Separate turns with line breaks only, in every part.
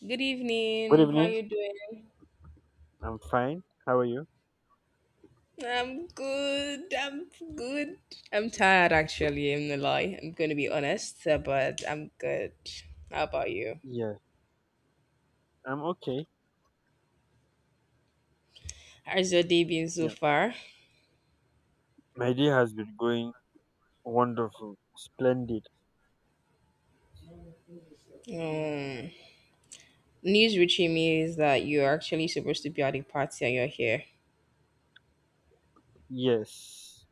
Good
Good
evening. How
evening.
you doing?
I'm fine. How are you?
I'm good. I'm good. I'm tired actually, I'm gonna lie. I'm gonna be honest, but I'm good. How about you?
Yes, I'm okay.
How's your day been so
Yeah,
far?
my day has been going wonderful, splendid.
Um, news reaching me is that you're actually supposed to be at a party and you're here.
Yes.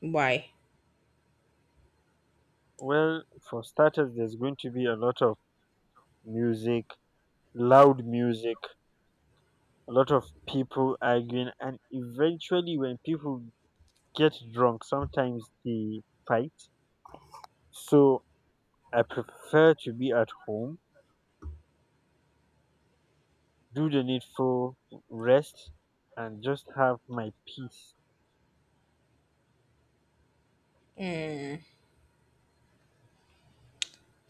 Why?
Well, for starters, there's going to be a lot of music, loud music, a lot of people arguing, and eventually, when people get drunk, sometimes they fight. So I prefer to be at home, do the needful, rest, and just have my peace.
Mm.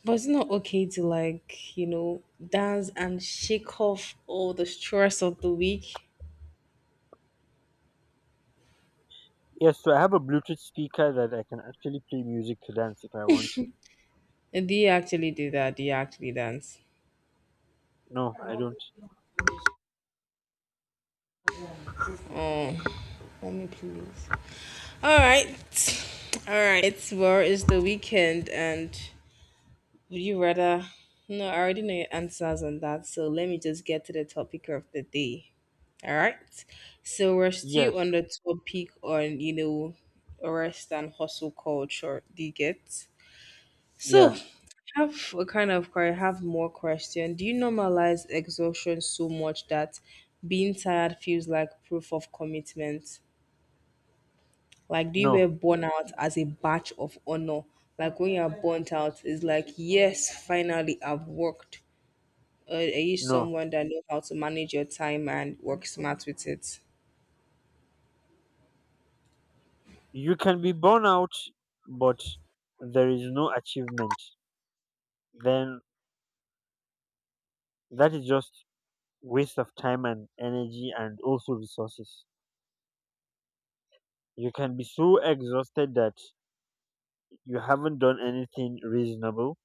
But it's not okay to like, dance and shake off all the stress of the week.
Yes, so I have a Bluetooth speaker that I can actually play music to dance if I want to.
Do you actually do that? Do you actually dance?
No, I don't.
Oh, let me please. All right. All right. Well, it's the weekend, and would you rather? No, I already know your answers on that. So let me just get to the topic of the day. All right. So we're still
Yes,
on the topic on, rest and hustle culture. Do you get?
yeah,
So I have a kind of que- I have more question. Do you normalize exhaustion so much that being tired feels like proof of commitment? Like, do you were
no,
burn out as a badge of honor? Like, when you're burnt out, it's like, yes, finally, I've worked. Are you
no.
someone that knows how to manage your time and work smart with it?
You can be born out, but there is no achievement. Then that is just waste of time and energy and also resources. You can be so exhausted that you haven't done anything reasonable.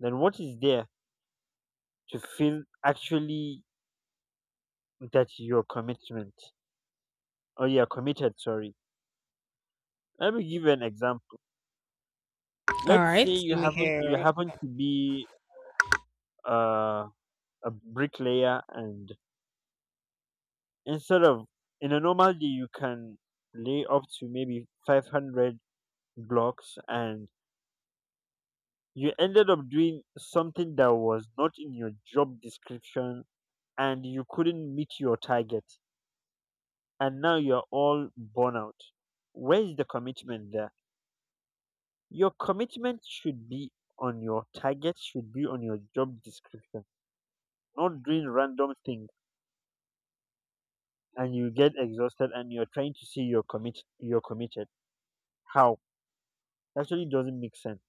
Then what is there to feel actually that your commitment or you are committed? Sorry. Let me give you an example.
All
Let's say
right.
you
Let me
happen
hear
you
it.
happen to be uh, a bricklayer, and instead of in a normal day you can lay up to maybe 500 blocks and you ended up doing something that was not in your job description, and you couldn't meet your target, and now you're all burnt out. Where's the commitment there? Your commitment should be on your target, should be on your job description, not doing random things, and you get exhausted, and you're trying to see you're committed. How? Actually doesn't make sense.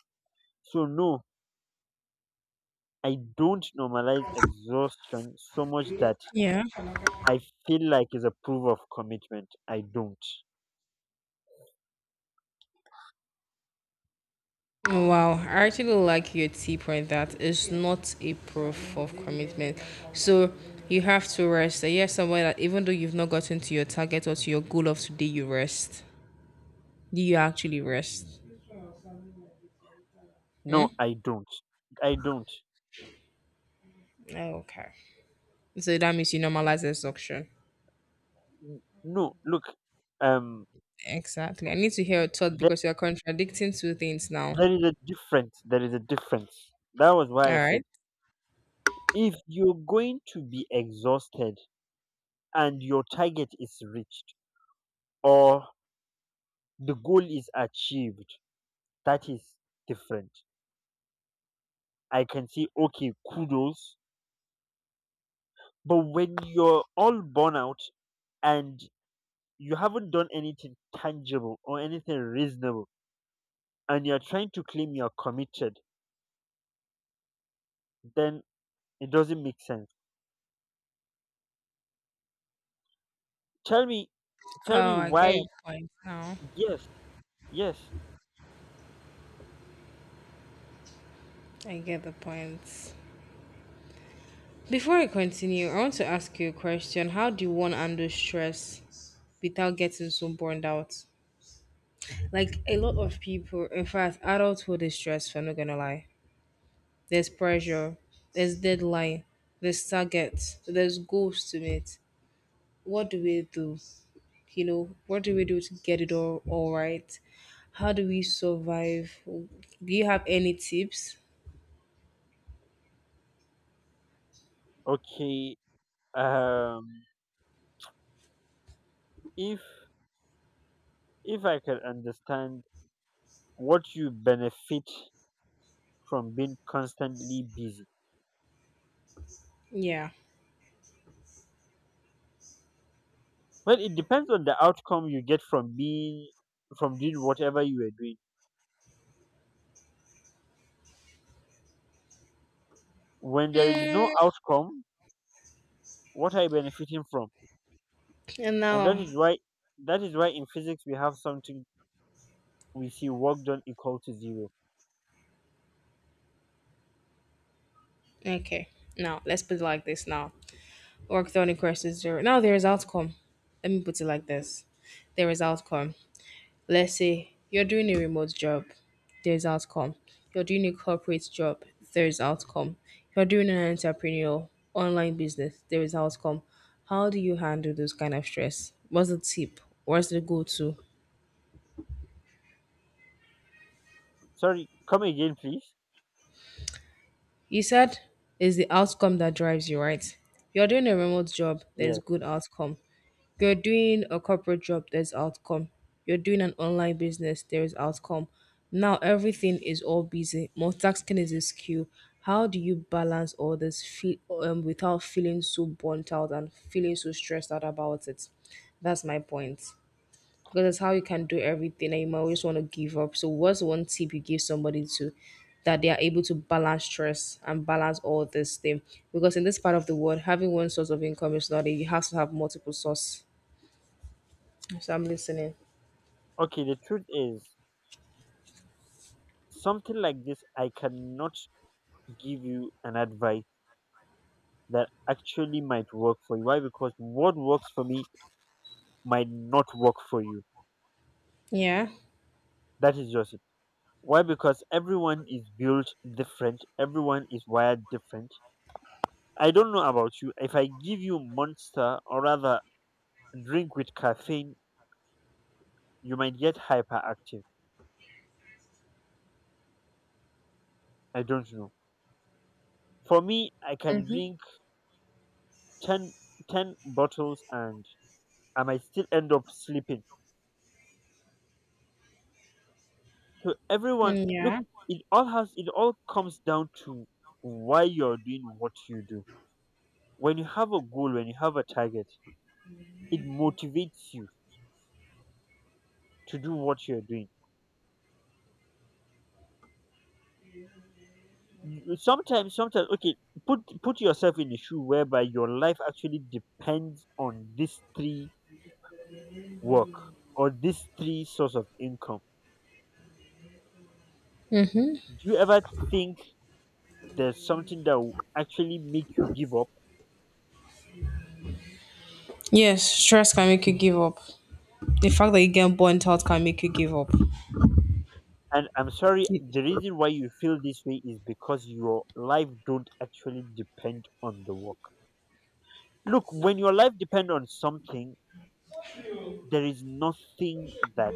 So no, I don't normalize exhaustion so much that
Yeah.
I feel like it's a proof of commitment. I don't.
Wow. I actually like your tip on that. It's not a proof of commitment. So you have to rest. Are you someone that even though you've not gotten to your target or to your goal of today, you rest. Do you actually rest?
No,
Hmm?
I don't.
Okay. So that means you normalize exhaustion.
No, look, um
Exactly. I need to hear your thought
there,
because you're contradicting two things now.
there is a difference. That was why
All
I said,
right.
if you're going to be exhausted and your target is reached, or the goal is achieved, that is different. I can see, okay, kudos. But when you're all born out and you haven't done anything tangible or anything reasonable, and you're trying to claim you're committed, then it doesn't make sense. Tell me,
Oh,
tell me
I get
why.
your point now.
Yes, yes.
I get the point. Before I continue, I want to ask you a question. How do you handle stress without getting so burned out? Like a lot of people, in fact, adulthood is stressful, I'm not gonna lie. There's pressure, there's deadline, there's targets, there's goals to meet. What do we do? What do we do to get it all right? How do we survive? Do you have any tips?
Okay, um, if, if I can understand what you benefit from being constantly busy.
Yeah.
Well, it depends on the outcome you get from doing whatever you are doing. When there is no
mm,
outcome, what are you benefiting from?
and
And that
now.
is why that is why in physics we have something, we see work done equal to zero.
Okay, now let's put it like this. Now, work done equals zero. Now there is outcome. Let me put it like this, there is outcome. Let's say you're doing a remote job, there's outcome. You're doing a corporate job, there's outcome. You're doing an entrepreneurial online business, there is outcome. How do you handle those kind of stress? What's the tip? What's the go to?
Sorry, come again, please.
You said it's the outcome that drives you, right? You're doing a remote job, there's
Yes.
good outcome. You're doing a corporate job, there's outcome. You're doing an online business, there is outcome. Now everything is all busy. Multitasking is a skill. How do you balance all this feel without feeling so burnt out and feeling so stressed out about it? That's my point. Because that's how you can do everything and you might always want to give up. So what's one tip you give somebody to that they are able to balance stress and balance all this thing? Because in this part of the world, having one source of income is not it. You have to have multiple source. So I'm listening.
Okay, the truth is, something like this I cannot give you an advice that actually might work for you. Why? Because what works for me might not work for you.
Yeah.
That is just it. Why? Because everyone is built different, everyone is wired different. I don't know about you. If I give you Monster, or rather drink with caffeine, you might get hyperactive. I don't know. For me, I can drink 10, 10 bottles and I might still end up sleeping. So everyone,
Mm,
look,
yeah.
it all comes down to why you're doing what you do. When you have a goal, when you have a target, it motivates you to do what you're doing. Sometimes, sometimes, okay, put yourself in a shoe whereby your life actually depends on these three work or these three source of income. Do you ever think there's something that will actually make you give up?
Yes, stress can make you give up. The fact that you get burnt out can make you give up.
And I'm sorry, the reason why you feel this way is because your life don't actually depend on the work. Look, when your life depend on something, there is nothing that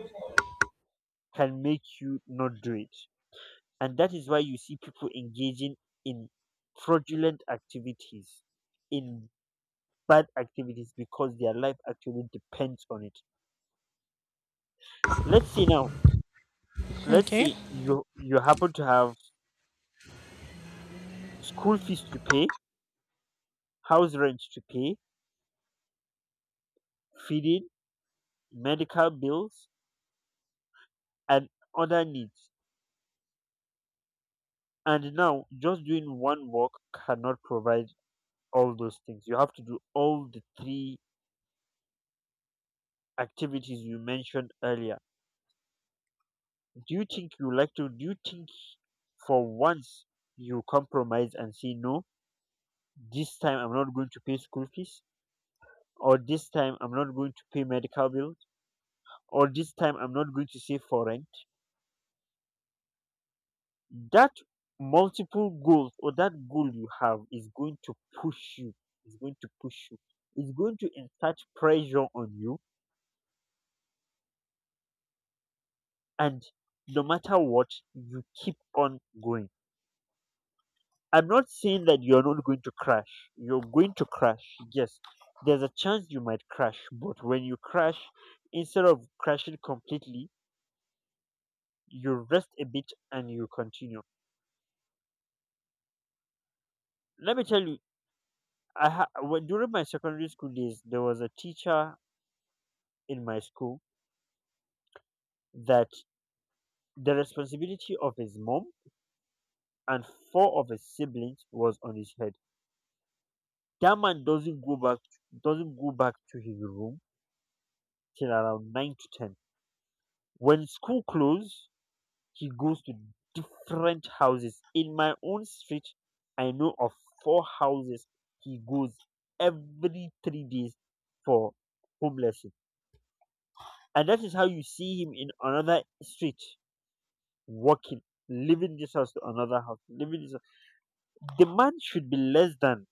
can make you not do it. And that is why you see people engaging in fraudulent activities, in bad activities, because their life actually depends on it. let's say now let's
Okay.
say you happen to have school fees to pay, house rent to pay, feeding, medical bills, and other needs, and now just doing one work cannot provide all those things. You have to do all the three activities you mentioned earlier. Do you think you like to? Do you think for once you compromise and say no? This time I'm not going to pay school fees, or this time I'm not going to pay medical bills, or this time I'm not going to save for rent. That multiple goals, or that goal you have, is going to push you. Is going to push you. It's going to insert pressure on you, and no matter what, you keep on going. I'm not saying that you're not going to crash. You're going to crash. Yes, there's a chance you might crash, but when you crash, instead of crashing completely, you rest a bit and you continue. Let me tell you, when, during my secondary school days, there was a teacher in my school, that the responsibility of his mom and four of his siblings was on his head. That man doesn't go back to his room till around 9 to 10. When school closed, he goes to different houses. In my own street, I know of four houses he goes every 3 days for homelessness. And that is how you see him in another street walking, leaving this house to another house, leaving this house. The man should be less than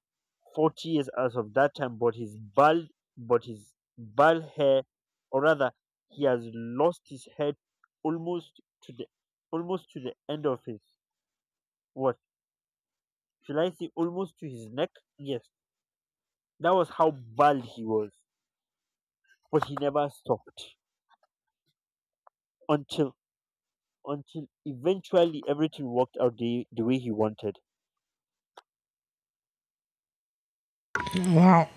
40 years as of that time, but his bald hair, or rather, he has lost his head almost to the end of his, what? Shall I say almost to his neck? Yes. That was how bald he was. But he never stopped until until eventually everything worked out the, way he wanted.
Wow.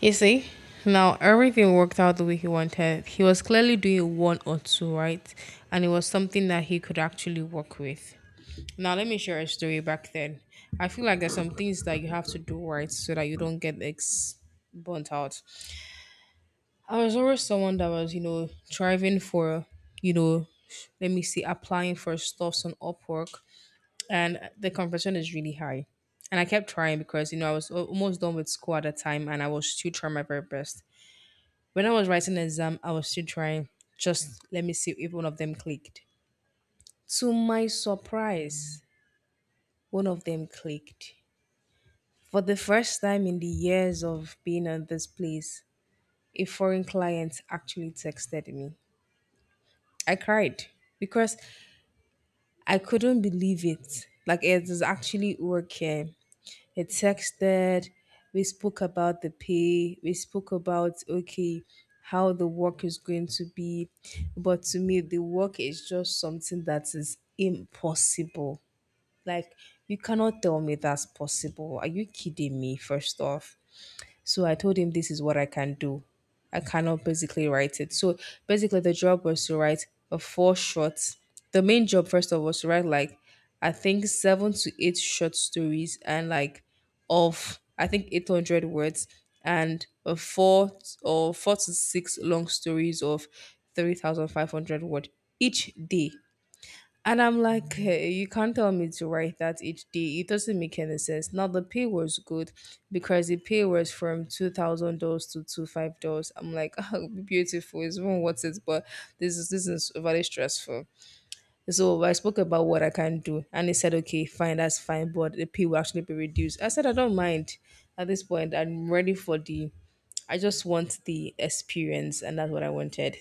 You see? Now everything worked out the way he wanted. He was clearly doing a one or two, right? And it was something that he could actually work with. Now let me share a story back then. I feel like there's some things that you have to do right so that you don't get ex burnt out. I was always someone that was, striving for, you know, let me see, applying for stuffs on Upwork, and the conversion is really high. And I kept trying because, I was almost done with school at the time, and I was still trying my very best. When I was writing the exam, I was still trying. Just let me see if one of them clicked. To my surprise, one of them clicked. For the first time in the years of being at this place, a foreign client actually texted me. I cried because I couldn't believe it. Like it is actually working. It texted. We spoke about the pay. We spoke about okay how the work is going to be. But to me, the work is just something that is impossible. Like you cannot tell me that's possible. Are you kidding me? First off, so I told him this is what I can do. I cannot basically write it. So basically, the job was to write a four short. The main job first of all was to write like I think seven to eight short stories and like of I think 800 words and a four or four to six long stories of 3,500 word each day. And I'm like, hey, you can't tell me to write that each day. It doesn't make any sense. Now the pay was good because the pay was from $2,000 to two five dollars. I'm like, oh, beautiful. It's even worth it, but this is very stressful. So I spoke about what I can do, and he said, okay, fine, that's fine, but the pay will actually be reduced. I said, I don't mind. At this point, I'm ready for the. I just want the experience, and that's what I wanted.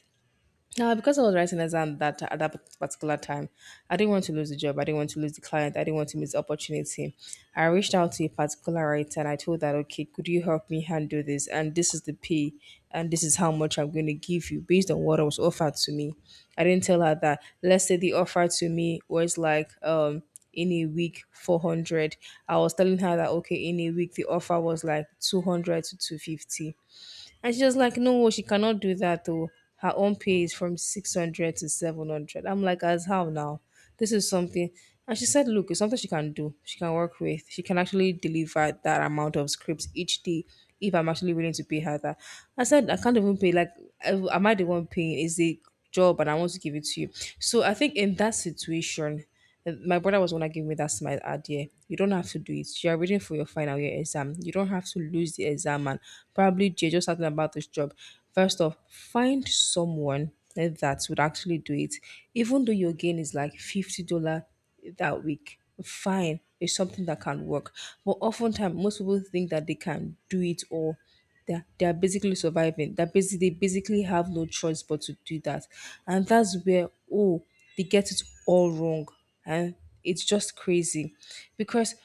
Now, because I was writing exam that at that particular time, I didn't want to lose the job. I didn't want to lose the client. I didn't want to miss the opportunity. I reached out to a particular writer and I told that, okay, could you help me handle this? And this is the pay, and this is how much I'm going to give you based on what was offered to me. I didn't tell her that. Let's say the offer to me was like in a week 400. I was telling her that okay, in a week the offer was like 200 to 250, and she was like, no, she cannot do that though. Her own pay is from 600 to 700. I'm like, as how now? This is something. And she said, look, it's something she can do. She can work with. She can actually deliver that amount of scripts each day if I'm actually willing to pay her that. I said, I can't even pay. Like, am I the one paying? Is a job and I want to give it to you. So I think in that situation, and my brother was the one that gave me that smile idea. You don't have to do it. You're reading for your final year exam. You don't have to lose the exam and probably Jay just talking about this job. First off, find someone that would actually do it. Even though your gain is like $50 that week, fine. It's something that can work. But oftentimes most people think that they can do it or they're basically surviving. That basically they basically have no choice but to do that. And that's where oh they get it all wrong, and it's just crazy because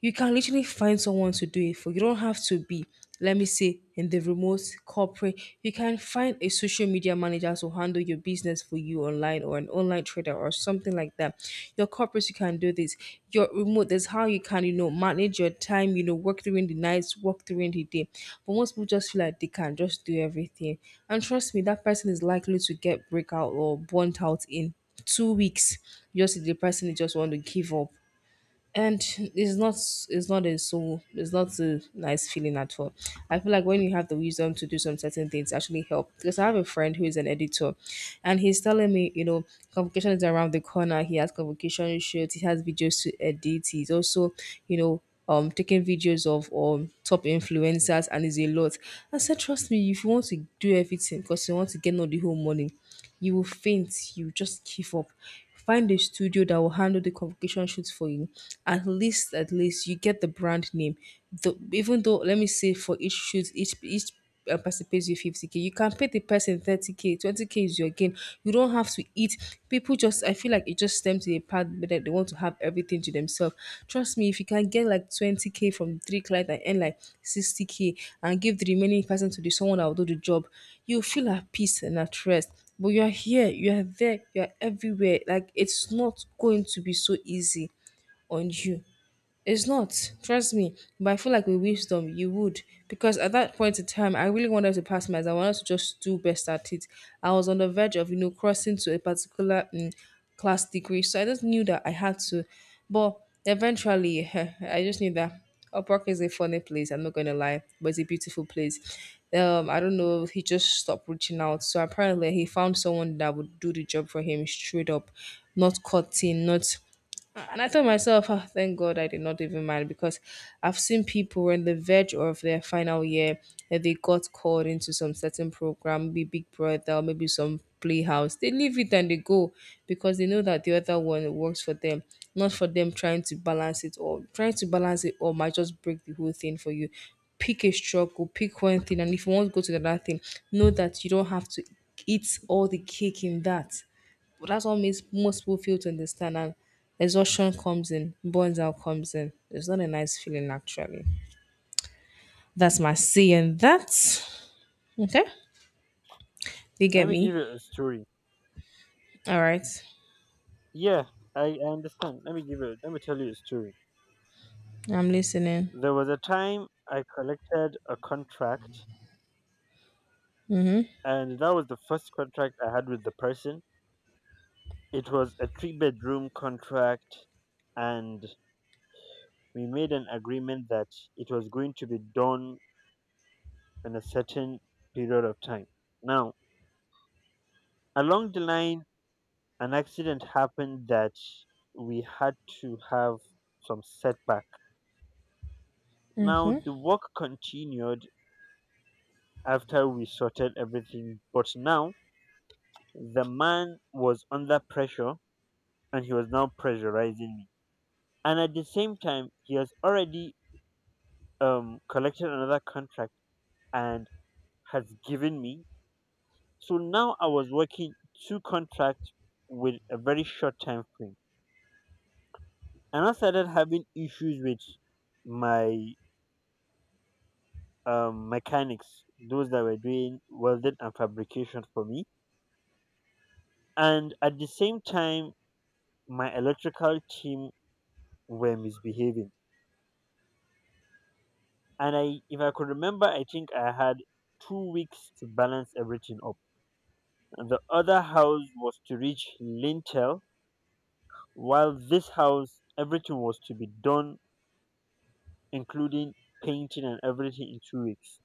you can literally find someone to do it for you. Don't have to be, let me say, in the remote corporate you can find a social media manager to handle your business for you online, or an online trader or something like that. Your corporate you can do this. Your remote, that's how you can, manage your time, work during the nights, work during the day. But most people just feel like they can just do everything, and trust me, that person is likely to get breakout or burnt out in 2 weeks, just if the person just want to give up. And it's not a nice feeling at all. I feel like when you have the wisdom to do some certain things actually help, because I have a friend who is an editor and he's telling me, convocation is around the corner. He has convocation shoots, he has videos to edit, he's also, you know taking videos of top influencers, and it's a lot. I said, trust me, if you want to do everything because you want to get all the whole money, you will faint, you just give up. Find a studio that will handle the convocation shoots for you. At least you get the brand name. The, even though, let me say, for each shoot, each person pays you 50K. You can pay the person 30K, 20K is your gain. You don't have to eat. People just, I feel like it just stems to a part that they want to have everything to themselves. Trust me, if you can get like 20k from three clients and earn like 60k and give the remaining person to the someone that will do the job, you feel at peace and at rest. But you're here, you're there, you're everywhere. Like it's not going to be so easy on you. It's not, trust me. But I feel like with wisdom, you would. Because at that point in time, I really wanted to pass my exam. I wanted to just do best at it. I was on the verge of, you know, crossing to a particular class degree. So I just knew that I had to. But eventually, I just knew that Upwork is a funny place. I'm not going to lie, but it's a beautiful place. I don't know. He just stopped reaching out. So apparently, he found someone that would do the job for him straight up, not cutting, not and I told myself, "Ah, thank God I did not even mind, because I've seen people were on the verge of their final year that they got called into some certain program, maybe Big Brother, or maybe some playhouse. They leave it and they go because they know that the other one works for them, not for them trying to balance it all. Trying to balance it all might just break the whole thing for you. Pick a struggle, pick one thing, and if you want to go to the other thing, know that you don't have to eat all the cake in that. That's what makes most people fail to understand, and exhaustion comes in, burns out comes in. It's not a nice feeling actually. That's my saying that. Okay. You
Let
get
me give
me.
you a story.
All right.
Yeah, I understand. Let me tell you a story.
I'm listening.
There was a time I collected a contract, and that was the first contract I had with the person. It was a three-bedroom contract, and we made an agreement that it was going to be done in a certain period of time. Now, along the line, an accident happened, that we had to have some setback. Now,
Mm-hmm.
the work continued after we sorted everything, but now the man was under pressure, and he was now pressurizing me. And at the same time, he has already collected another contract and has given me. So now I was working two contracts with a very short time frame. And I started having issues with my mechanics, those that were doing welding and fabrication for me. And at the same time, my electrical team were misbehaving. And I, if I could remember, I think I had 2 weeks to balance everything up. And the other house was to reach lintel, while this house, everything was to be done, including painting and everything, in 2 weeks.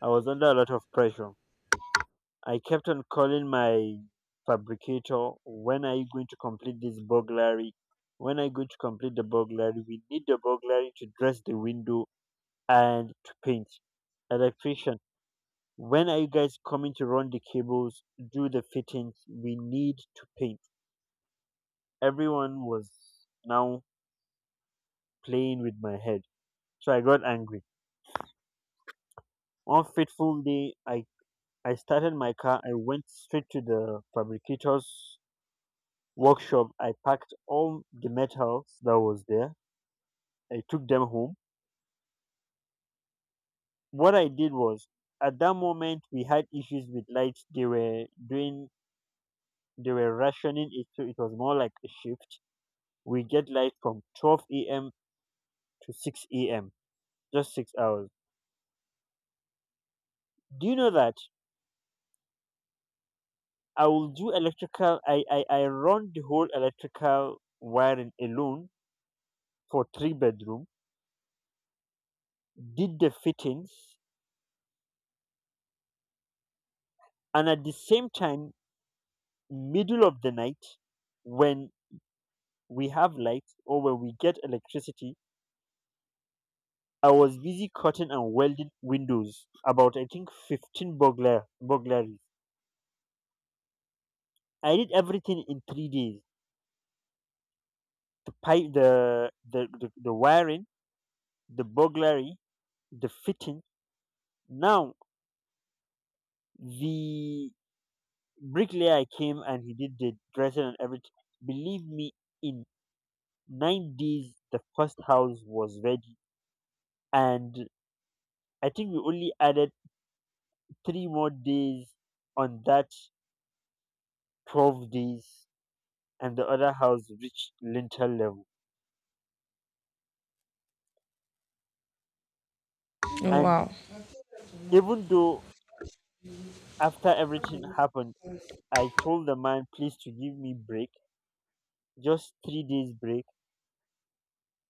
I was under a lot of pressure. I kept on calling my fabricator, "When are you going to complete this burglary? When are you going to complete the burglary? We need the burglary to dress the window and to paint." Electrician, "When are you guys coming to run the cables, do the fittings? We need to paint." Everyone was now playing with my head. So I got angry. One fateful day, I started my car. I went straight to the fabricator's workshop, I packed all the metals that was there. I took them home. What I did was, at that moment, we had issues with lights. They were rationing it, so it was more like a shift. We get light from 12 a.m. to 6 a.m., just 6 hours. Do you know that I will do electrical? I run the whole electrical wiring alone for three-bedroom, did the fittings, and at the same time, middle of the night, when we have light or when we get electricity, I was busy cutting and welding windows, about I think 15 burglaries. I did everything in 3 days. The wiring, the burglary, the fitting. Now the bricklayer came and he did the dressing and everything. Believe me, in 9 days the first house was ready, and I think we only added three more days on that, 12 days, and the other house reached lintel level.
Oh,
And
wow.
even though after everything happened, I told the man, please, to give me break, just 3 days break.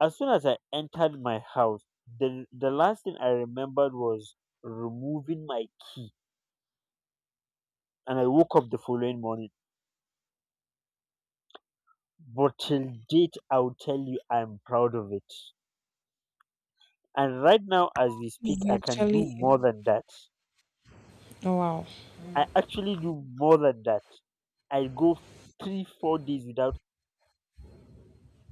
As soon as I entered my house, the, last thing I remembered was removing my key. And I woke up the following morning. But till date, I'll tell you, I'm proud of it. And right now, as we speak,
It's
I can do
actually,
more than that.
oh, wow.
I actually do more than that. I go three, 4 days without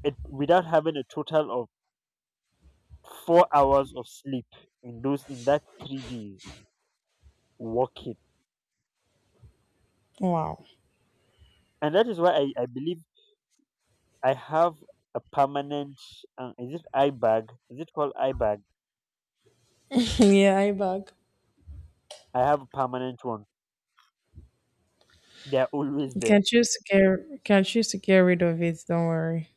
without having a total of 4 hours of sleep in those in that 3 days working,
Oh, wow.
and that is why I believe I have a permanent. Is it eye bag? Is it called eye bag?
Yeah, I back.
I have a permanent one. They are always
You
there.
can choose to get, can choose to get rid of it, don't worry.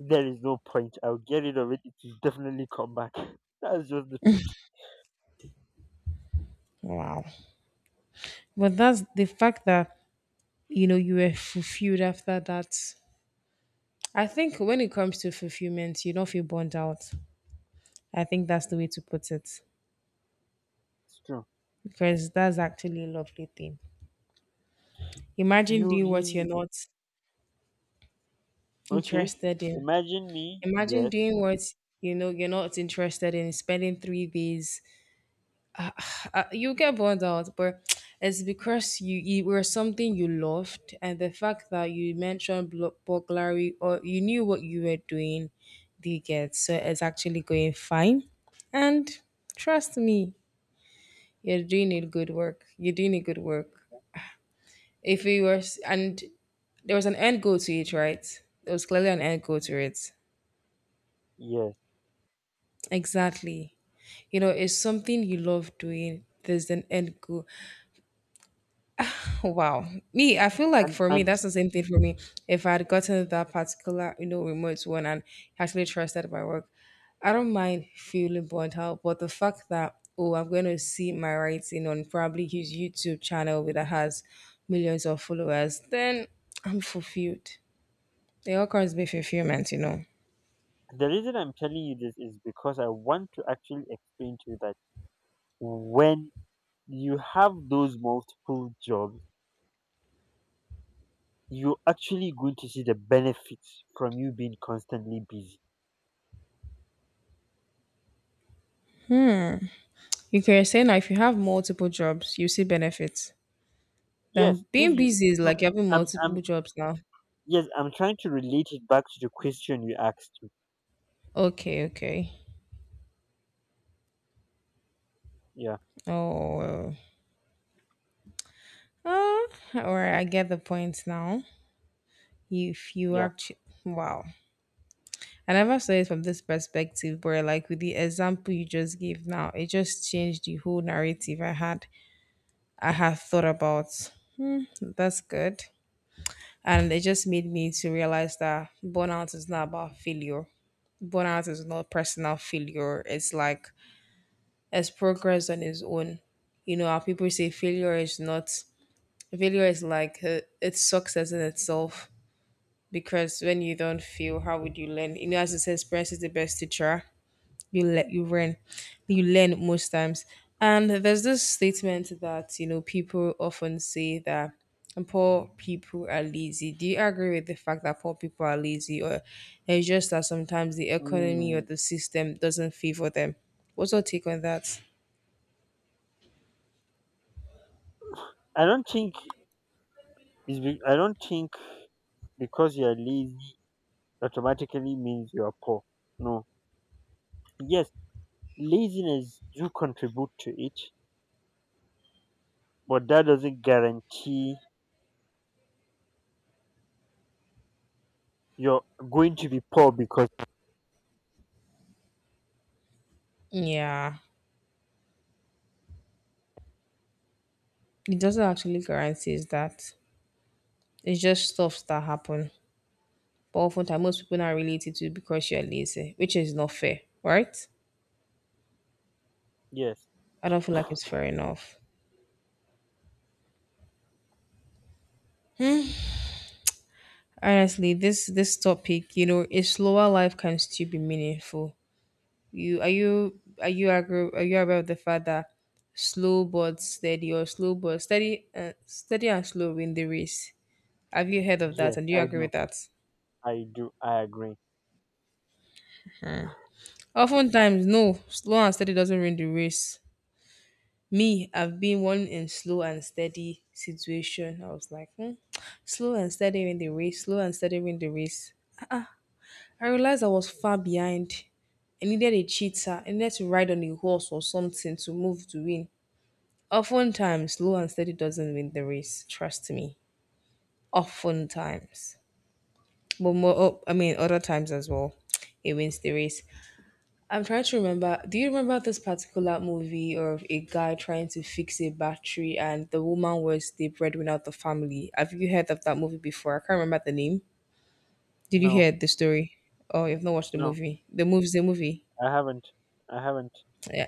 There is no point. I'll get rid of it. It will definitely come back. That's just the truth.
Wow. But that's the fact that, you know, you were fulfilled after that. I think when it comes to fulfillment, you don't feel burned out. I think that's the way to put it,
It's true.
because that's actually a lovely thing. Imagine
You
doing what you're
you
not
okay?
interested in.
Imagine me.
Imagine
Yes.
doing what you know you're not interested in. Spending 3 days, you get burned out, but it's because you it were something you loved, and the fact that you mentioned burglary or you knew what you were doing, do you get so it's actually going fine. And trust me, you're doing it good work. You're doing a good work. If we were, and there was an end goal to it, right? There was clearly an end goal to it.
Yes.
Exactly. You know, it's something you love doing. There's an end goal. Wow. Me, I feel like
And
for me,
and
that's the same thing for me. If I had gotten that particular, you know, remote one and actually trusted my work, I don't mind feeling burnt out. But the fact that, oh, I'm going to see my writing on probably his YouTube channel with that has millions of followers, then I'm fulfilled. It all comes with fulfillment, you know.
the reason I'm telling you this is because I want to actually explain to you that when you have those multiple jobs, you're actually going to see the benefits from you being constantly busy.
You can say now, if you have multiple jobs, you see benefits.
Yes,
Then
since
being
you
busy is
No,
like having
I'm
multiple jobs now.
yes, I'm trying to relate it back to the question you asked me.
Okay, okay.
Yeah,
Oh, well. Uh, or I get the point now. If you
yeah.
actually, wow, I never saw it from this perspective, where like with the example you just gave now, it just changed the whole narrative I had, I have thought about. That's good. And it just made me to realize that burnout is not about failure. Burnout is not personal failure. It's like it's progress on its own. You know how people say failure is not, failure is like it's success in itself, because when you don't feel, how would you learn? You know, as it says, experience is the best teacher. You let you learn most times. And there's this statement that, you know, people often say that poor people are lazy. Do you agree with the fact that poor people are lazy, or it's just that sometimes the economy or
Mm,
the system doesn't favor them? What's your take on that?
I don't think I don't think because you're lazy automatically means you're poor. No. Yes, laziness do contribute to it, but that doesn't guarantee you're going to be poor, because
Yeah, it doesn't actually guarantee that. It's just stuff that happen. But oftentimes, most people not related to you because you're lazy, which is not fair, right?
yes,
I don't feel like it's fair enough. Honestly, this topic, you know, a slower life can still be meaningful. You are, you are, you agree, are you aware of the fact that slow but steady or slow but steady steady and slow win the race? Have you heard of that?
yes,
And do you
I
agree
do,
with that?
I do, I agree.
Oftentimes, no, slow and steady doesn't win the race. Me, I've been one in slow and steady situation. I was like, hmm, slow and steady in the race, slow and steady in the race. I realized I was far behind. I needed a cheater. I needed to ride on a horse or something to move to win. Oftentimes, slow and steady doesn't win the race. Trust me. Oftentimes, but more, oh, I mean, other times as well, it wins the race. I'm trying to remember. Do you remember this particular movie of a guy trying to fix a battery and the woman was the breadwinner of the family? Have you heard of that movie before? I can't remember the name. Did you
No,
hear the story? Oh, you've not watched the
no,
movie. The movie's the movie.
I haven't, I haven't.
Yeah,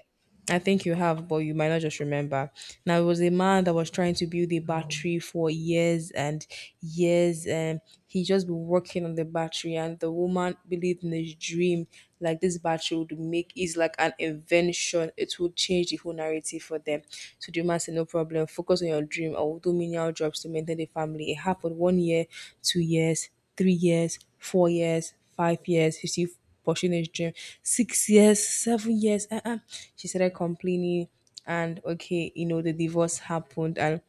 I think you have, but you might not just remember. Now, it was a man that was trying to build a battery for years and years, and he just been working on the battery. And the woman believed in his dream, like this battery would make is like an invention. It would change the whole narrative for them. So the man said, "No problem. Focus on your dream. I will do menial jobs to maintain the family." It happened one year, 2 years, 3 years, 4 years, 5 years. You see pursuing his dream. 6 years, 7 years. Uh-uh. She started complaining, and okay, you know, the divorce happened, and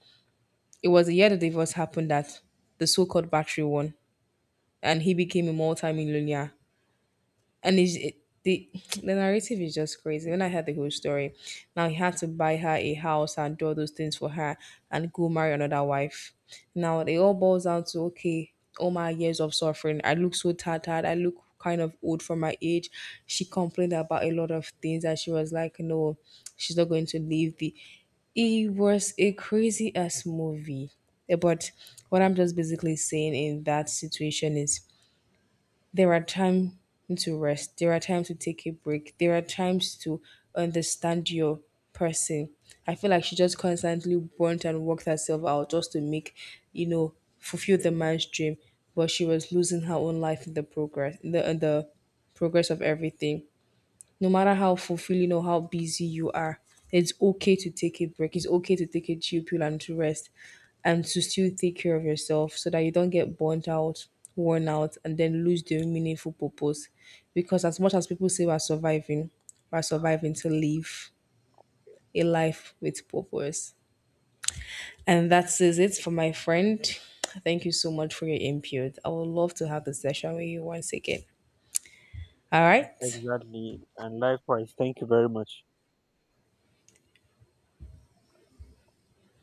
it was the year the divorce happened that the so-called battery won, and he became a multi-millionaire, and it's, it, the the narrative is just crazy. When I heard the whole story, now he had to buy her a house and do all those things for her and go marry another wife. Now it all boils down to okay, all my years of suffering. I look so tattered. I look kind of old for my age. She complained about a lot of things and she was like, no, she's not going to leave the. It was a crazy ass movie. Eh, but what I'm just basically saying in that situation is there are times to rest, there are times to take a break, there are times to understand your person. I feel like she just constantly burnt and worked herself out just to make, you know, fulfill the man's dream, but she was losing her own life in the progress of everything. No matter how fulfilling or how busy you are, it's okay to take a break. It's okay to take a chill pill and to rest and to still take care of yourself so that you don't get burnt out, worn out, and then lose the meaningful purpose. Because as much as people say we're surviving to live a life with purpose. And that is it for my friend. Thank you so much for your input. I would love to have the session with you once again. All right.
Exactly. And likewise, thank you very much.